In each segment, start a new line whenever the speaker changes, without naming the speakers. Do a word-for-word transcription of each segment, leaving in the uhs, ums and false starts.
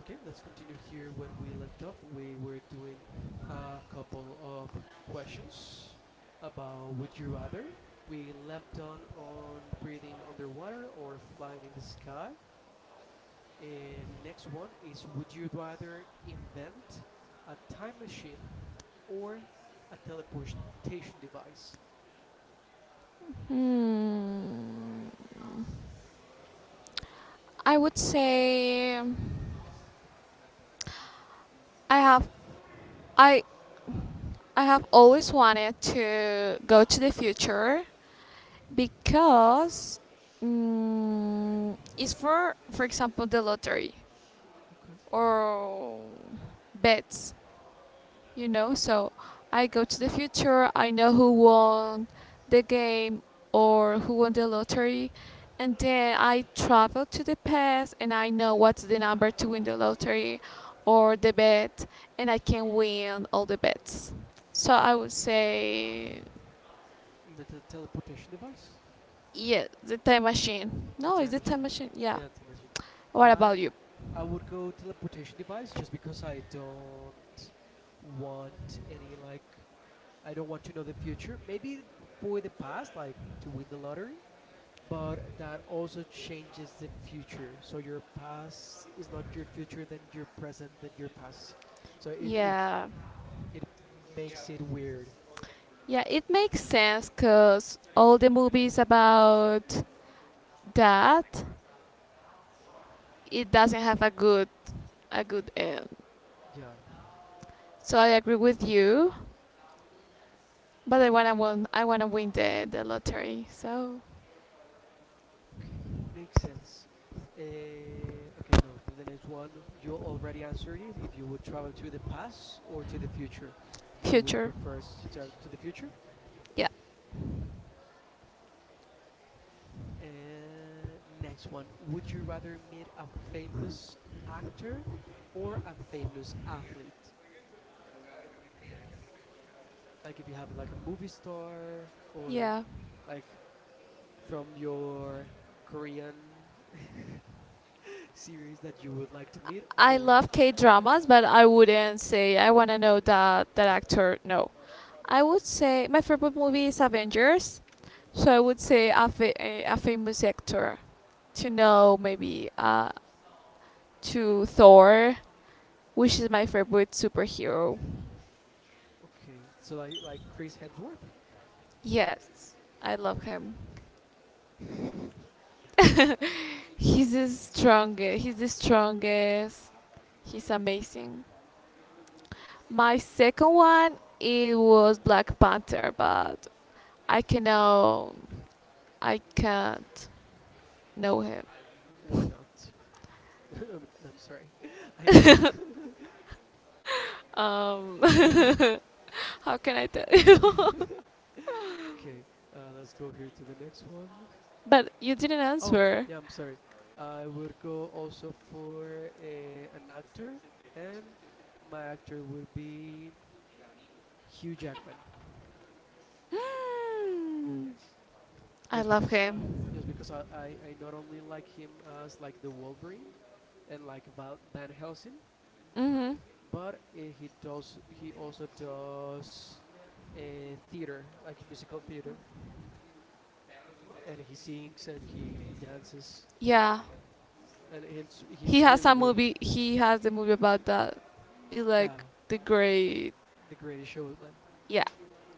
Okay, let's continue here. When we left off, we were doing a couple of questions about would you rather. We left on on breathing underwater or flying in the sky. And next one is would you rather invent a time machine or a teleportation device?
Hmm, I would say I have I I have always wanted to go to the future because mm, it's for for example the lottery
Okay.
or bets you know so I go to the future. I know who won the game or who won the lottery, and then I travel to the past and I know what's the number to win the lottery or the bet, and I can win all the bets. So I would say,
Invent a teleportation device.
yeah, the time machine.
The
No, it's
time
the
machine.
time machine. Yeah.
Yeah, time machine.
What
I
about you?
I would go teleportation device just because I don't want any like I don't want to know the future. Maybe for the past, like to win the lottery, but that also changes the future. So your past is not your future, then your present, then your past. So it it,
Yeah,
it makes it weird.
yeah, it makes sense because all the movies about that, it doesn't have a good a good end.
Yeah.
So I agree with you, but I wanna win. I wanna win the the lottery. So
Okay, makes sense. Uh, okay, no, th- the next one, you already answered it. If you would travel to the past or to the future, you would
future,
prefer s- to travel to the future?
yeah,
Uh, next one, would you rather meet a famous actor or a famous athlete? Like if you have like a movie star or
yeah.
like from your Korean series that you would like to meet
I
or
love K dramas, but I wouldn't say I wanna know that that actor. No, I would say my favorite movie is Avengers. So I would say a, fa- a, a famous actor to know maybe uh to Thor, which is my favorite superhero.
okay, so like like Chris Hemsworth?
Yes, I love him. He's the strongest. He's the strongest. He's amazing. My second one, it was Black Panther, but I cannot. I can't know him.
Why not? I'm, I'm sorry. I know.
Um, how can I tell you?
Okay, uh, let's go here to the next one.
But you didn't
Oh,
answer.
yeah, I'm sorry. I would go also for a, an actor, and my actor would be Hugh Jackman,
Hmm. I
just
love
because,
him.
just because I, I, I not only like him as like the Wolverine, and like Val- Van Helsing,
Hmm.
but uh, he does he also does uh, theater like musical theater and he sings and he he dances
Yeah,
and he's,
he
he's
has
really
a
good.
movie. He has the movie about that. It's
Yeah,
like the great,
the greatest showman.
yeah,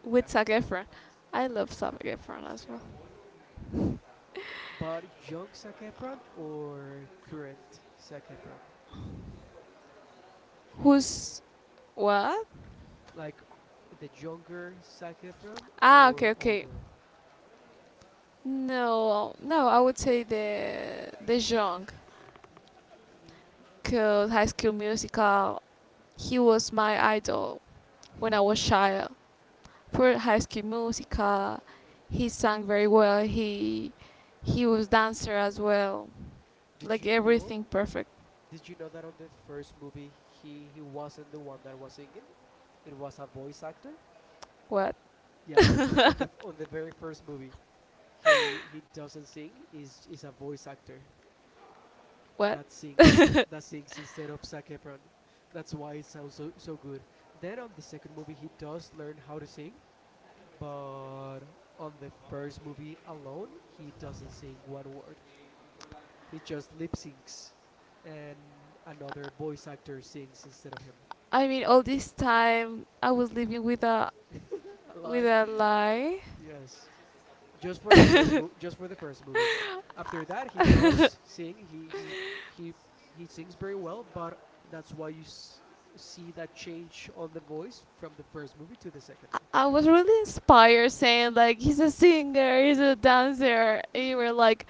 with
Yeah,
Zac Efron. I love Zac Efron as well.
but young Zac Efron or current Zac Efron?
Who's what?
Like the younger Zac Efron
Ah, okay,
or
okay.
older?
No, no, I would say the the young, cause High School Musical. He was my idol when I was child. For High School Musical, he sang very well. He he was dancer as well.
did
Like
you know
everything perfect.
did you know that on the first movie he he wasn't the one that was singing? It was a voice actor.
What?
Yeah, on the on the very first movie, he he doesn't sing. Is is a voice actor
What?
that sings that sings instead of Zac Efron. That's why it sounds so so good. Then on the second movie, he does learn how to sing, but on the first movie alone, he doesn't sing one word. He just lip syncs, and another voice actor sings instead of him.
I mean, all this time I was living with a,
A
with
lie.
a lie.
Yes. Just for the first movie. Just for the first movie. After that, he does sing. He he he he sings very well, but that's why you s- see that change on the voice from the first movie to the second.
I was really inspired, saying like he's a singer, he's a dancer. And you were like,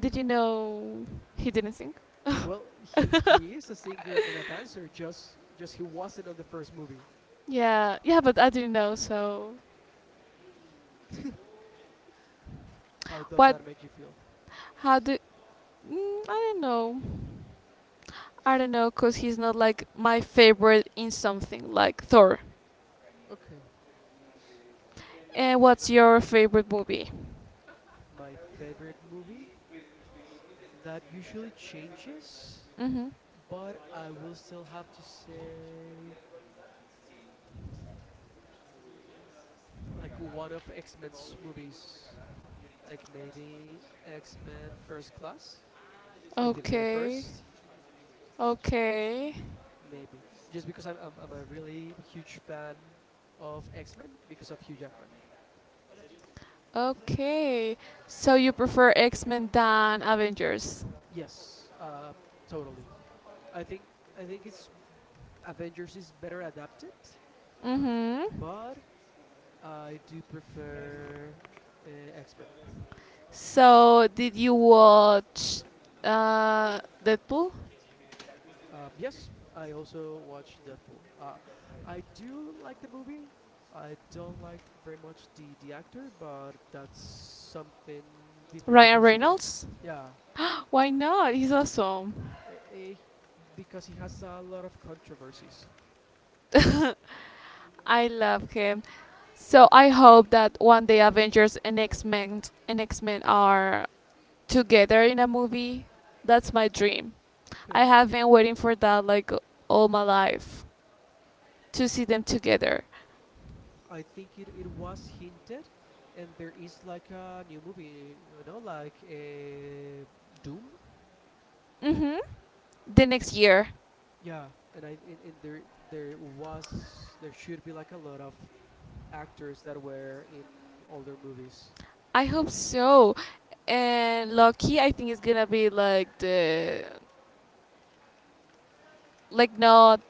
did you know he didn't sing?
Well, he he is a singer and a dancer. Just just he wasn't on the first movie.
Yeah, yeah, but I didn't know. So,
How does
what?
that make you feel?
How do? Mm, I don't know. I don't know, cause he's not like my favorite in something like Thor.
Okay,
And what's your favorite movie?
my favorite movie that usually changes,
Mm-hmm.
but I will still have to say like one of X-Men's movies, like maybe X-Men First Class, like the very
Okay.
first,
Okay.
maybe. Just because I'm I'm, I'm a really huge fan of X-Men because of Hugh Jackman.
Okay. So you prefer X-Men than Avengers?
Yes, uh, totally. I think I think it's Avengers is better adapted,
Mm-hmm.
but I do prefer uh, X-Men.
So did you watch uh Deadpool?
Uh, yes, I also watched Deadpool. Uh, I do like the movie. I don't like very much the, the actor, but that's something different to
Ryan
consider.
Reynolds?
Yeah,
Why not? He's awesome.
eh, eh, because he has a lot of controversies.
I love him. So I hope that one day Avengers and X Men and X Men are together in a movie. That's my dream. I
Okay.
have been waiting for that like all my life to see them together.
I think it, it was hinted, and there is like a new movie, you know, like eh, Doom.
Mhm. The next year.
Yeah, and I in in there there was there should be like a lot of actors that were in older movies.
I hope so. And Loki, I think is gonna be like the like not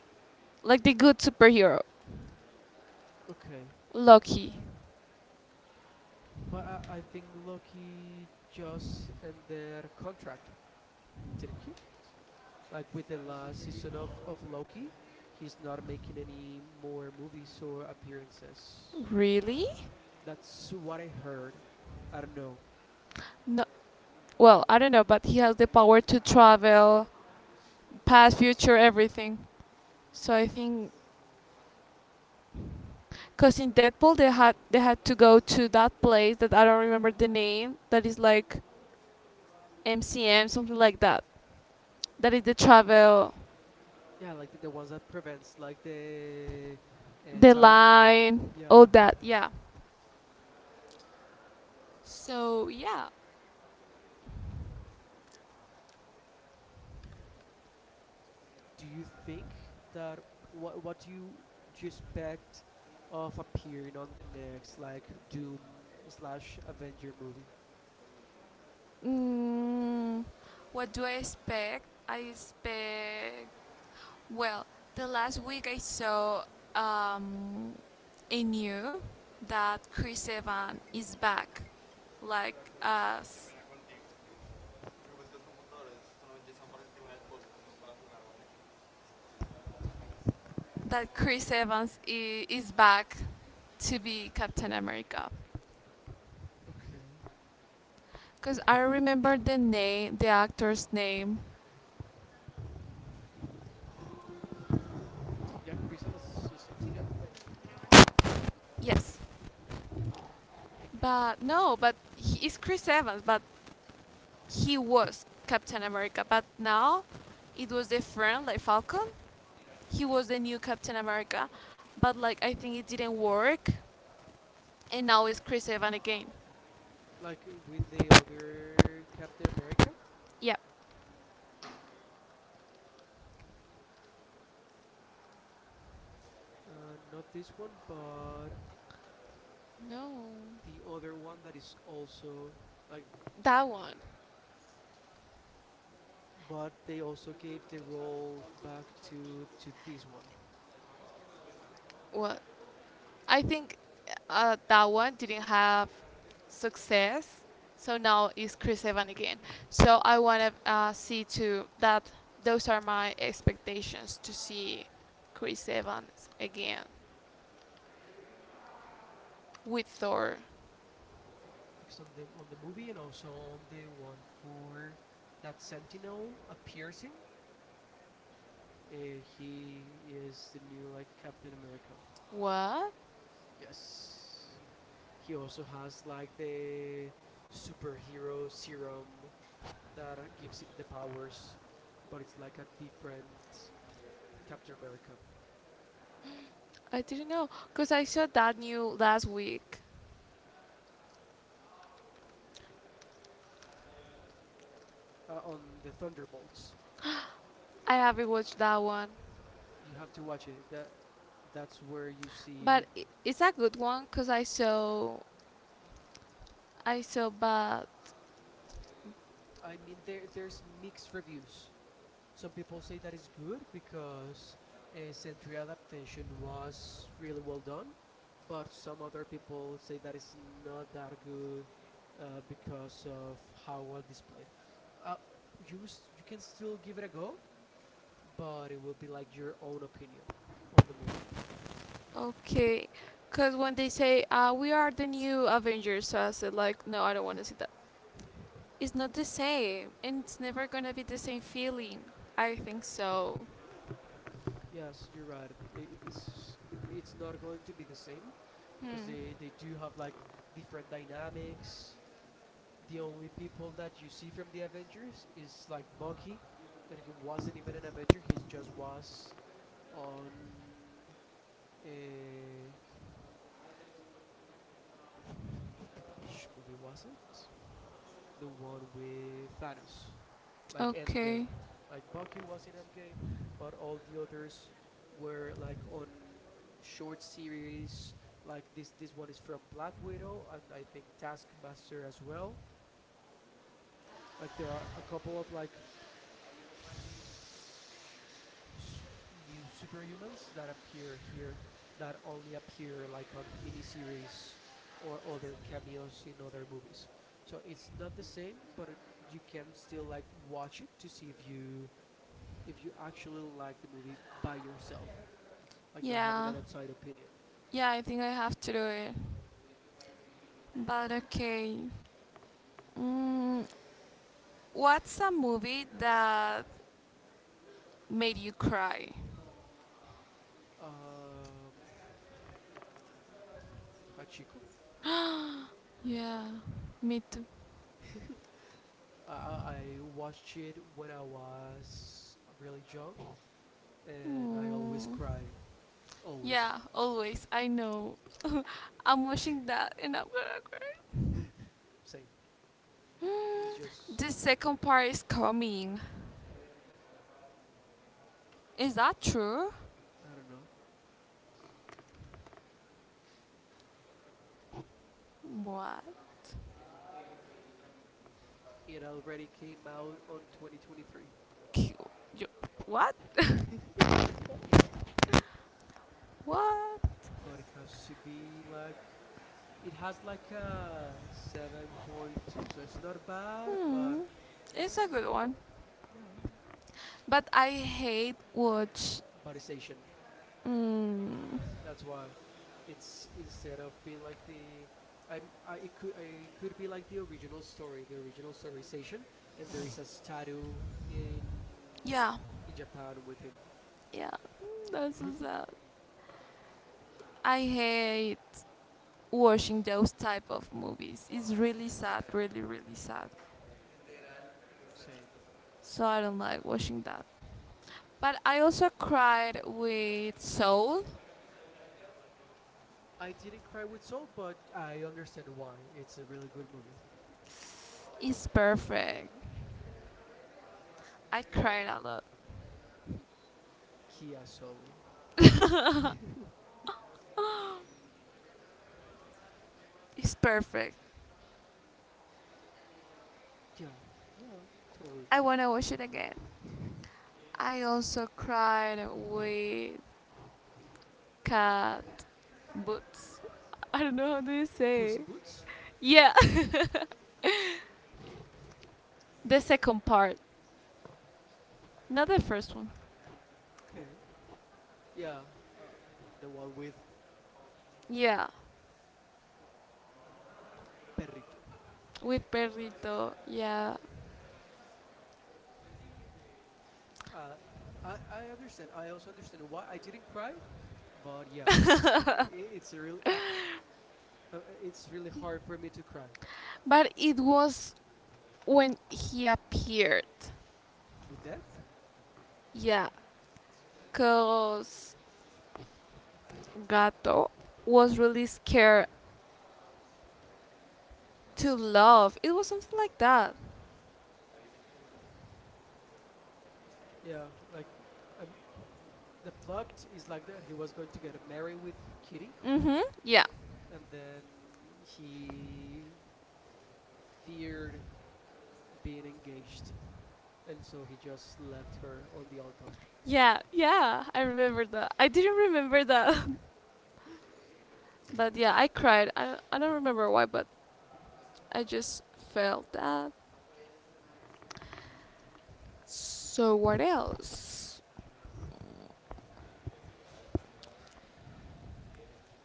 like the good superhero.
Okay,
Loki.
but I I think Loki just ended contract, didn't he? Like with the last season of of Loki, he's not making any more movies or appearances.
Really?
That's what I heard. I don't know.
No. Well, I don't know, but he has the power to travel past, future, everything. So I think because in Deadpool they had they had to go to that place that I don't remember the name that is like M C M something like that. That is the travel,
Yeah, like the, the ones that prevents like the uh,
the
time.
line, all
Yeah.
that. Yeah. So yeah.
do you think that What what do you do you expect of appearing on the next like Doom slash Avenger movie?
Mm, what do I expect? I expect well. The last week I saw um, a new that Chris Evans is back, like as that Chris Evans i- is back to be Captain America.
Okay.
Because I remember the name, the actor's name.
Yeah, Chris Evans is, yeah,
Yes. But no, but he is Chris Evans, but he was Captain America. But now it was different, like Falcon. He was the new Captain America, but like I think it didn't work. And now it's Chris Evans again.
like with the other Captain America,
Yeah.
uh, not this one, but
No.
the other one that is also like,
That one.
but they also gave the role back to to this one.
What? I think uh, that one didn't have success, so now it's Chris Evans again. So I want to uh, see too that those are my expectations to see Chris Evans again with Thor.
Because on the on the movie and also on the one for that Sentinel appears in, uh, he is the new like Captain America.
What?
Yes, he also has like the superhero serum that uh, gives him the powers, but it's like a different Captain America.
I didn't know because I saw that new last week.
Uh, on the Thunderbolts,
I haven't watched that one,
you have to watch it. That that's where you
but
see.
i- it's a good one because I saw I saw bad.
I mean, there there's mixed reviews. Some people say that it's good because uh, Sentry adaptation was really well done, but some other people say that it's not that good uh, because of how well displayed. Uh, you s- you can still give it a go, but it will be like your own opinion on the movie.
Okay, because when they say uh, we are the new Avengers, so I said like, no, I don't want to see that. It's not the same, and it's never gonna be the same feeling. I think so.
Yes, you're right. It, it's it's not going to be the same because
Hmm.
they they do have like different dynamics. The only people that you see from the Avengers is like Bucky, and he wasn't even an Avenger. He just was on uh, which movie was it? The one with Thanos, like
Okay.
Endgame. Like Bucky was in Endgame, but all the others were like on short series. Like this, this one is from Black Widow, and I think Taskmaster as well. Like there are a couple of like new superhumans that appear here that only appear like on miniseries or other cameos in other movies. So it's not the same, but it, you can still like watch it to see if you if you actually like the movie by yourself, like not having
Yeah.
an outside opinion.
Yeah, I think I have to do it. But okay. Mm, what's a movie that made you cry?
Um, Hachiko.
Yeah, me too.
I, I watched it when I was really young, and I always
Mm.
cry, always.
Yeah, always. I know. I'm watching that and I'm gonna
Same.
cry.
It's just
The second part is coming. Is that true?
I don't know.
What?
It already came out on twenty twenty-three.
Q- you- What? What?
But it has to be like it has like a seven point two, so it's not bad, but
Hmm. It's a
it's
good one.
yeah,
But I hate watch.
but it's Asian,
Mm,
that's why it's instead of being like the I'm I it could I it could be like the original story. The original story is Asian, and there is a statue in
yeah,
in Japan with him.
yeah. Mm, that's so sad. I hate watching those type of movies. It's really sad, really, really sad.
Same.
So I don't like watching that. But I also cried with Soul.
I didn't cry with Soul, but I understand why. It's a really good movie.
It's perfect. I cried a lot.
Kia Soul. Yeah,
It's perfect.
yeah, totally.
I wanna watch it again. I also cried with Cat Boots. I don't know how do you
Puss
say.
in Boots?
Yeah, the second part, not the first one.
Okay. Yeah, uh, the one with
Yeah,
Perrito.
with Perrito. Yeah,
Uh, I, I understand. I also understand why I didn't cry, but yeah, i i- it's a really uh, uh, uh, it's really hard for me to cry
but it was when he appeared.
with death.
Yeah, cause Gato was really scared to love. It was something like that.
Yeah, like um, hmm. the plot is like that. He was going to get married with Kitty,
Mm-hmm. Yeah.
and then he feared being engaged, and so he just left her on the altar.
Yeah, yeah. I remember that. I didn't remember that. But yeah, I cried. I, I don't remember why, but I just felt that. So what else?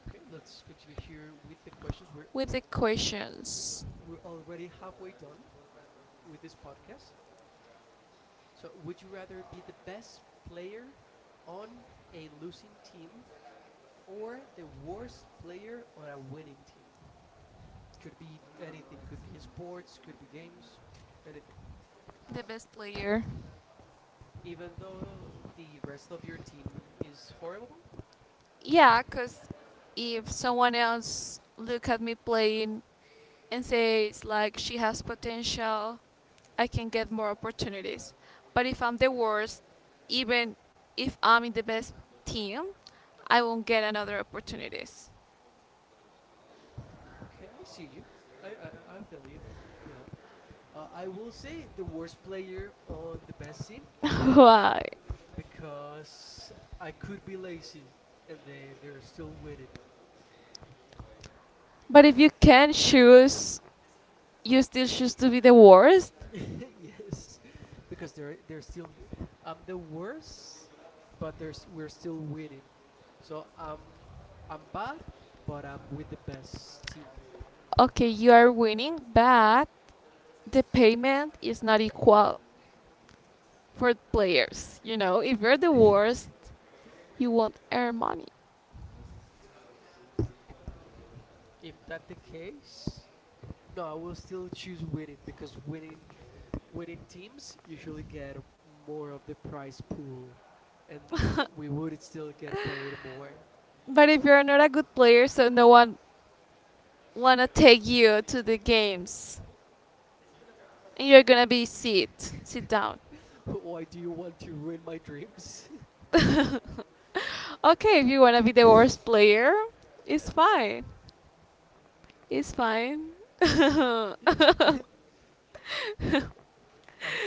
Okay, let's continue here with the questions. We're
With the
al-
questions,
we're already halfway done with this podcast. So, would you rather be the best player on a losing team or the worst player on a winning team? Could be anything, could be sports, could be games, anything.
the best player.
Even though the rest of your team is horrible?
Yeah, cause if someone else look at me playing and says like she has potential, I can get more opportunities. But if I'm the worst, even if I'm in the best team, I won't get another opportunities.
Okay, I see you. I, I, I feel you. Yeah. Uh, I will say the worst player on the best team
Why?
uh, because I could be lazy and they, they're still winning.
But if you can choose, you still choose to be the worst.
Yes, because they're they're still th- um the worst, but there's we're still winning. So um I'm bad, but I'm with the best team.
Okay, you are winning, but the payment is not equal for players. You know, if you're the worst, you won't earn money.
Mm, if that the case, no, I will still choose winning because winning winning teams usually get m- more of the prize pool, and we would still get paid more.
But if you're not a good player, so no one wanna take you to the games, and you're gonna be sit sit down.
Why do you want to ruin my dreams?
Okay, if you wanna be the worst player, it's fine. It's fine.
I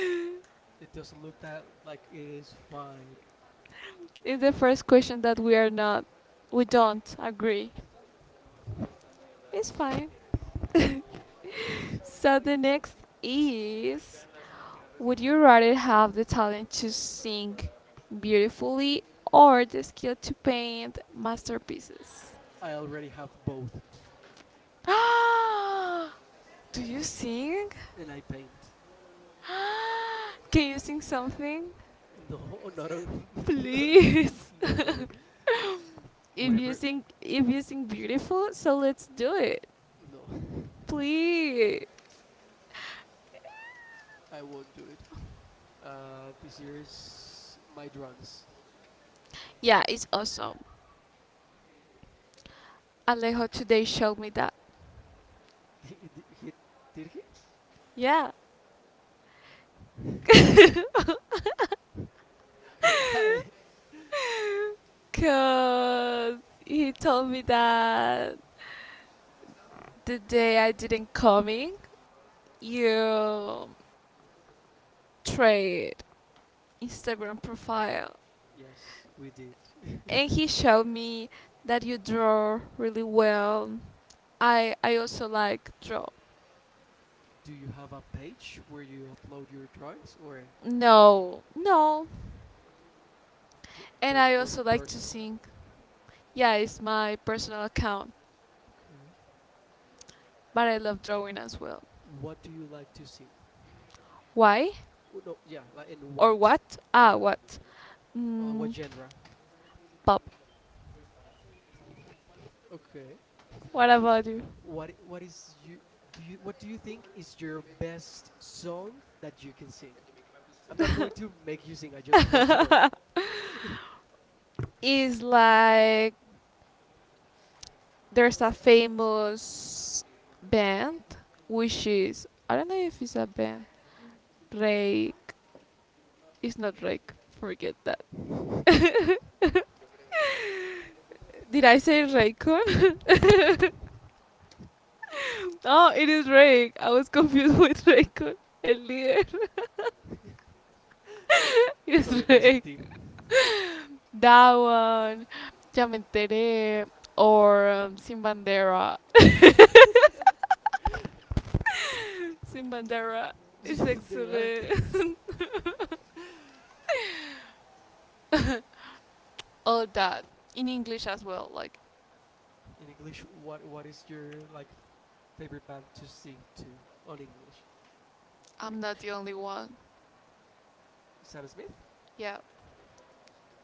it doesn't look that like it is fine.
It's the first question that we are not, we don't agree. It's fine. So the next is, would you rather have the talent to sing beautifully or the skill to paint masterpieces?
I already have both,
Do you sing?
and I paint.
Can you sing something?
No, not a, no,
Please.
no, never.
if you
Whatever.
think if you think beautiful, so let's do it.
No.
Please.
I won't do it. Uh, this year is my drums.
Yeah, it's awesome. Alejo today showed me that.
Did, he? Did he?
Yeah,
Why?
cause he told me that the day I didn't coming, you trade Instagram profile,
Yes, we did.
and he showed me that you draw really well. I i also like draw.
Do you have a page where you upload your drawings, or
No, no.
th-
And
they're
I
more
also like to
personal?
sing. Yeah, it's my personal account,
Okay.
but I love drawing as well.
What do you like to sing?
Why?
Oh, no, yeah, like in
Or
what?
what? Ah,
Yeah.
what?
Uh, what
Mm,
genre?
pop.
Okay.
What
Wh-
about you?
What I- what is you do you what do you think is your best song that you can sing? I'm not going to make you sing. I just want to know.
Is like there's a famous band, which is I don't know if it's a band. Rake. It's not Rake. Forget that. Did I say Raycon? No, it is Rake. I was confused with Raycon. El líder is
Noviembre sin
Rake.
ti.
That one. Ya me enteré. Or um, Sin Bandera. Simbandera is
There are.
actually all that in English as well. Like
In English, what what is your like favorite band to sing to on English? In
I'm not
English,
the only one.
Sam Smith.
Yeah,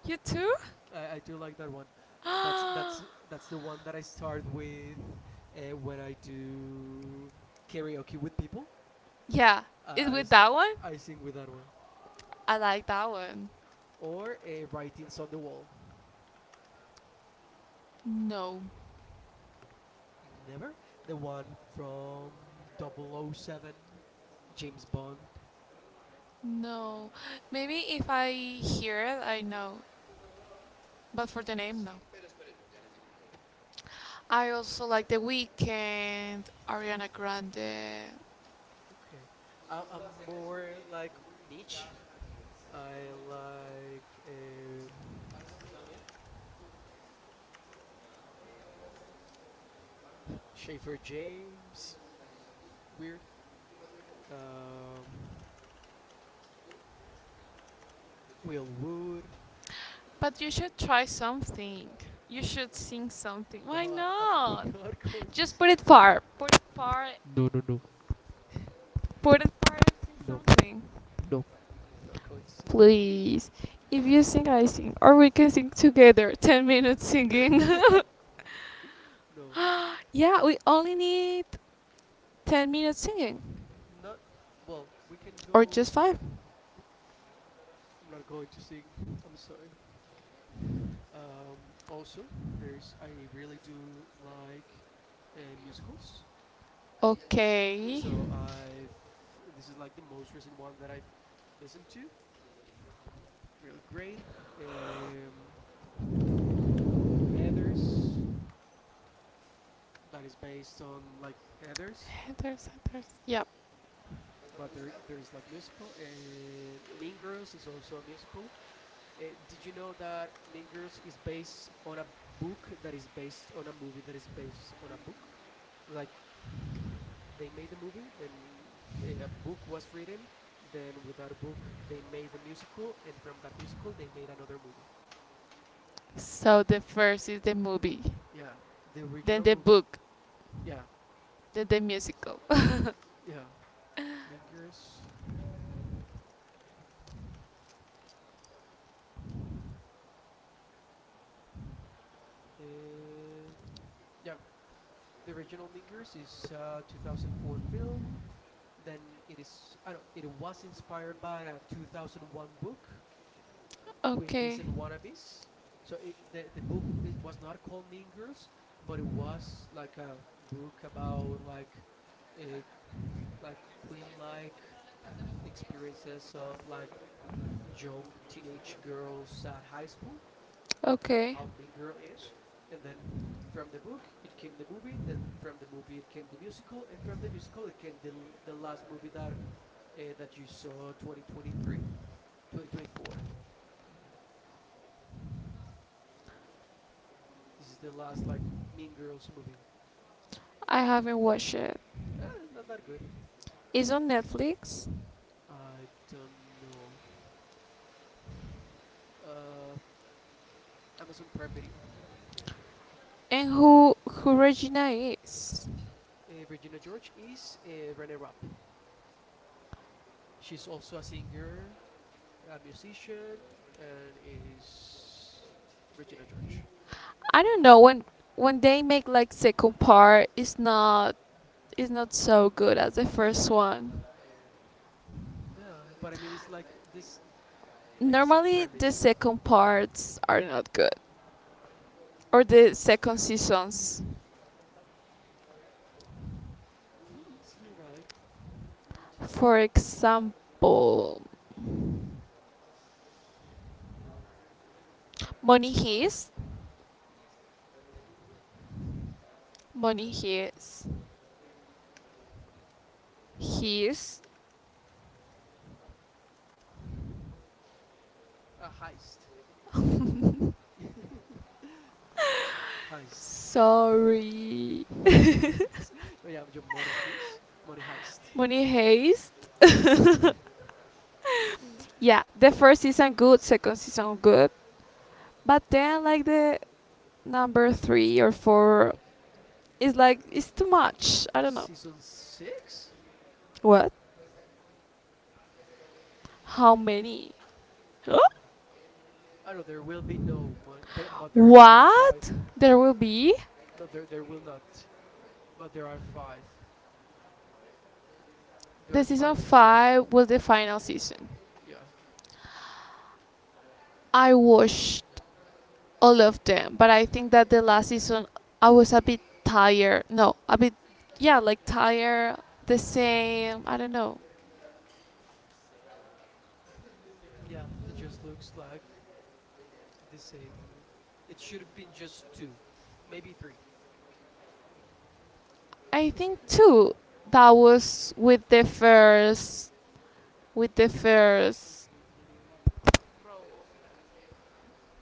you too.
I, I do like that one. Uh, that's that's that's the one that I start with uh, when I do karaoke with people.
Yeah,
I
is
I
with
s-
that one?
I- I sing with that one,
I like that one.
or a writings on the wall.
No,
Never the one from double oh double oh seven, James Bond.
no. Maybe if I hear it, I know. But for the name, no. I also like The Weeknd, Ariana Grande.
Okay. I, I'm more like niche. I like um, Schaefer James, weird. Um, Will Wood.
But you should try something. You should sing something. Why
No, I- I'm
not?
not going to
Just put
sing.
it far. Put it far
No, no, no,
Put it part into
no,
something,
no. I'm not going to sing.
please. If you sing, I sing, or we can sing together. Ten minutes singing.
No, no,
Yeah, we only need ten minutes singing,
not. Well, we can
or
go.
just five.
I'm not going to sing. I'm sorry. Um, also, there's I really do like uh, musicals,
Okay.
so I've this is like the most recent one that I've listened to. Really great. Um, Heather's that is based on like Heather's,
There's, there's. Yep.
but there there is like musical. Uh, mean Girls is also a musical. Uh, did you know that Mean Girls is based on a book that is based on a movie that is based on a book? Like they made the movie, then they, a book was written, then with that book they made the musical, and from that musical they made another movie.
So the first is the movie,
Yeah, the
then
original
the
movie.
book,
Yeah,
then the musical.
yeah. Mingers. Uh, yeah, the original Mingers is a two thousand four film. Then it is. I don't. It was inspired by a two thousand one book, Queen Bees
Okay.
and Wannabes. So it, the the book it was not called Mean Girls, but it was like a book about like uh, like queen-like experiences of like young teenage girls at high school, like
Okay.
how Mean Girl is, and then from the book it came the movie, then from the movie it came the musical, and from the musical it came the l- the last movie that uh, that you saw twenty twenty-three, twenty twenty-four. This is the last like Mean Girls movie.
I haven't watched it.
Eh, not that good.
It's on Netflix.
I don't know. Uh, Amazon Prime Video.
And who who Regina is?
Uh, Virginia George is a Rene Rapp. She's also a singer, a musician, and is Regina George.
I don't know when when they make like second part, it's not it's not so good as the first one.
Yeah, but I mean it's like this, like the same
Normally the
premise.
second parts are not good or the second seasons.
Hmm, you're right.
For example, Money Heist, Money Heist, Heist.
A heist. heist.
Sorry,
No worries. No, yeah, your money heist. Money heist.
Money Heist. Yeah, the first season good, second season good, but then like the number three or four, it's like it's too much. I don't know. Season
Season
six?
six.
What? How many? Huh? I
I
don't
know
know, there
there
will
will
be
be
no
no mon- but but
one.
there are five.
What? There will be?
No, there there will not. But there are five. There
The
are
season
five seasons.
five was the final season.
Yeah,
I watched all of them, but I think that the last season I was a bit tired. No, a bit, yeah, like tired, the same. I don't know.
yeah. It just looks like the same. It should have been just two, maybe three.
I think too that was with the first, with the first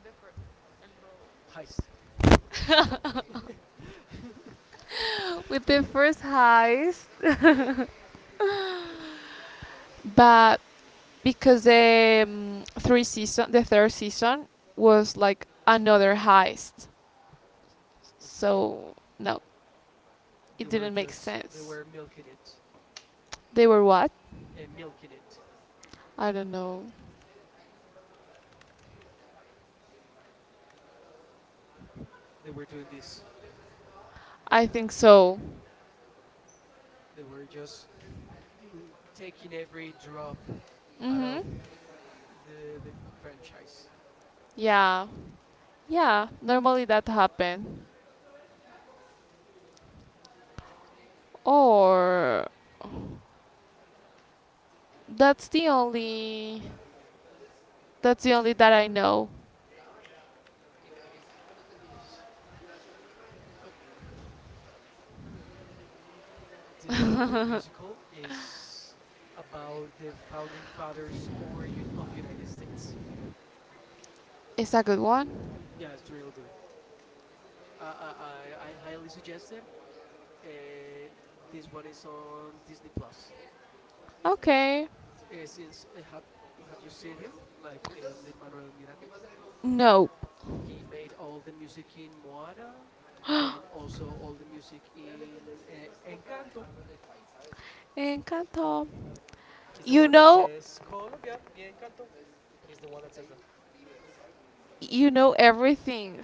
the first.
Heist. okay.
With the first heist. But because the um, three season, the third season was like another heist, so no, it
They were
didn't make They
just they
sense.
were
They
milking it
They were what?
and milking it.
I don't know.
They were doing this.
I think so.
They were just l- taking every drop out
Mhm.
of the the franchise.
Yeah. Yeah. Normally that happened. Or that's the only. That's the only that I know.
Nice. Oh, this is another musical. Is about the founding fathers or un- of United States.
Is that a good one?
Yeah, it's real good. I I, I I highly suggest it. Uh, this one is on Disney Plus.
Okay.
Uh, since uh, have have you seen him, like uh, Lin Manuel Miranda?
Nope.
He made all the music in Moana and also all the music in uh, Encanto.
Encanto.
He's the
You
one that
know,
says Colombia, mi encanto. He's the one that says that.
you know everything.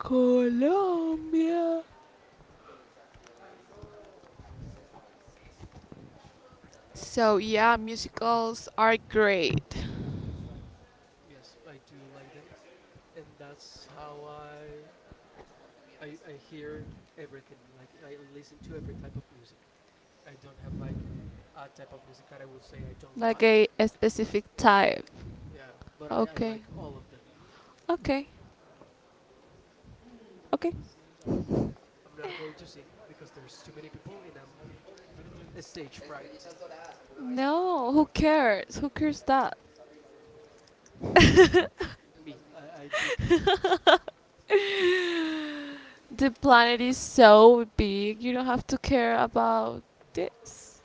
Colombia. So yeah, musicals are great.
Yes, I do like them, and that's how I I, I hear everything. Like I listen to every type of music. I don't have like a type of music that I would say I don't
Like
like.
a, a specific type.
Yeah, but I, I
Okay.
like all of them.
Okay. Okay.
I'm not going to sing because there's too many people and I'm a stage fright.
No, who cares? Who cares that?
Me, I, I do care.
The planet is so big, you don't have to care about this.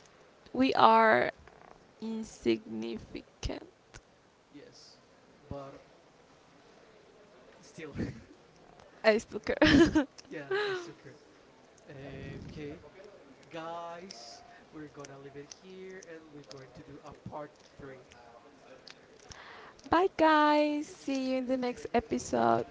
We are insignificant.
yes, but still,
I still care.
yeah, I still care. Eh, okay, guys, we're gonna leave it here, and we're going to do a part three.
Bye, guys. See you in the next episode.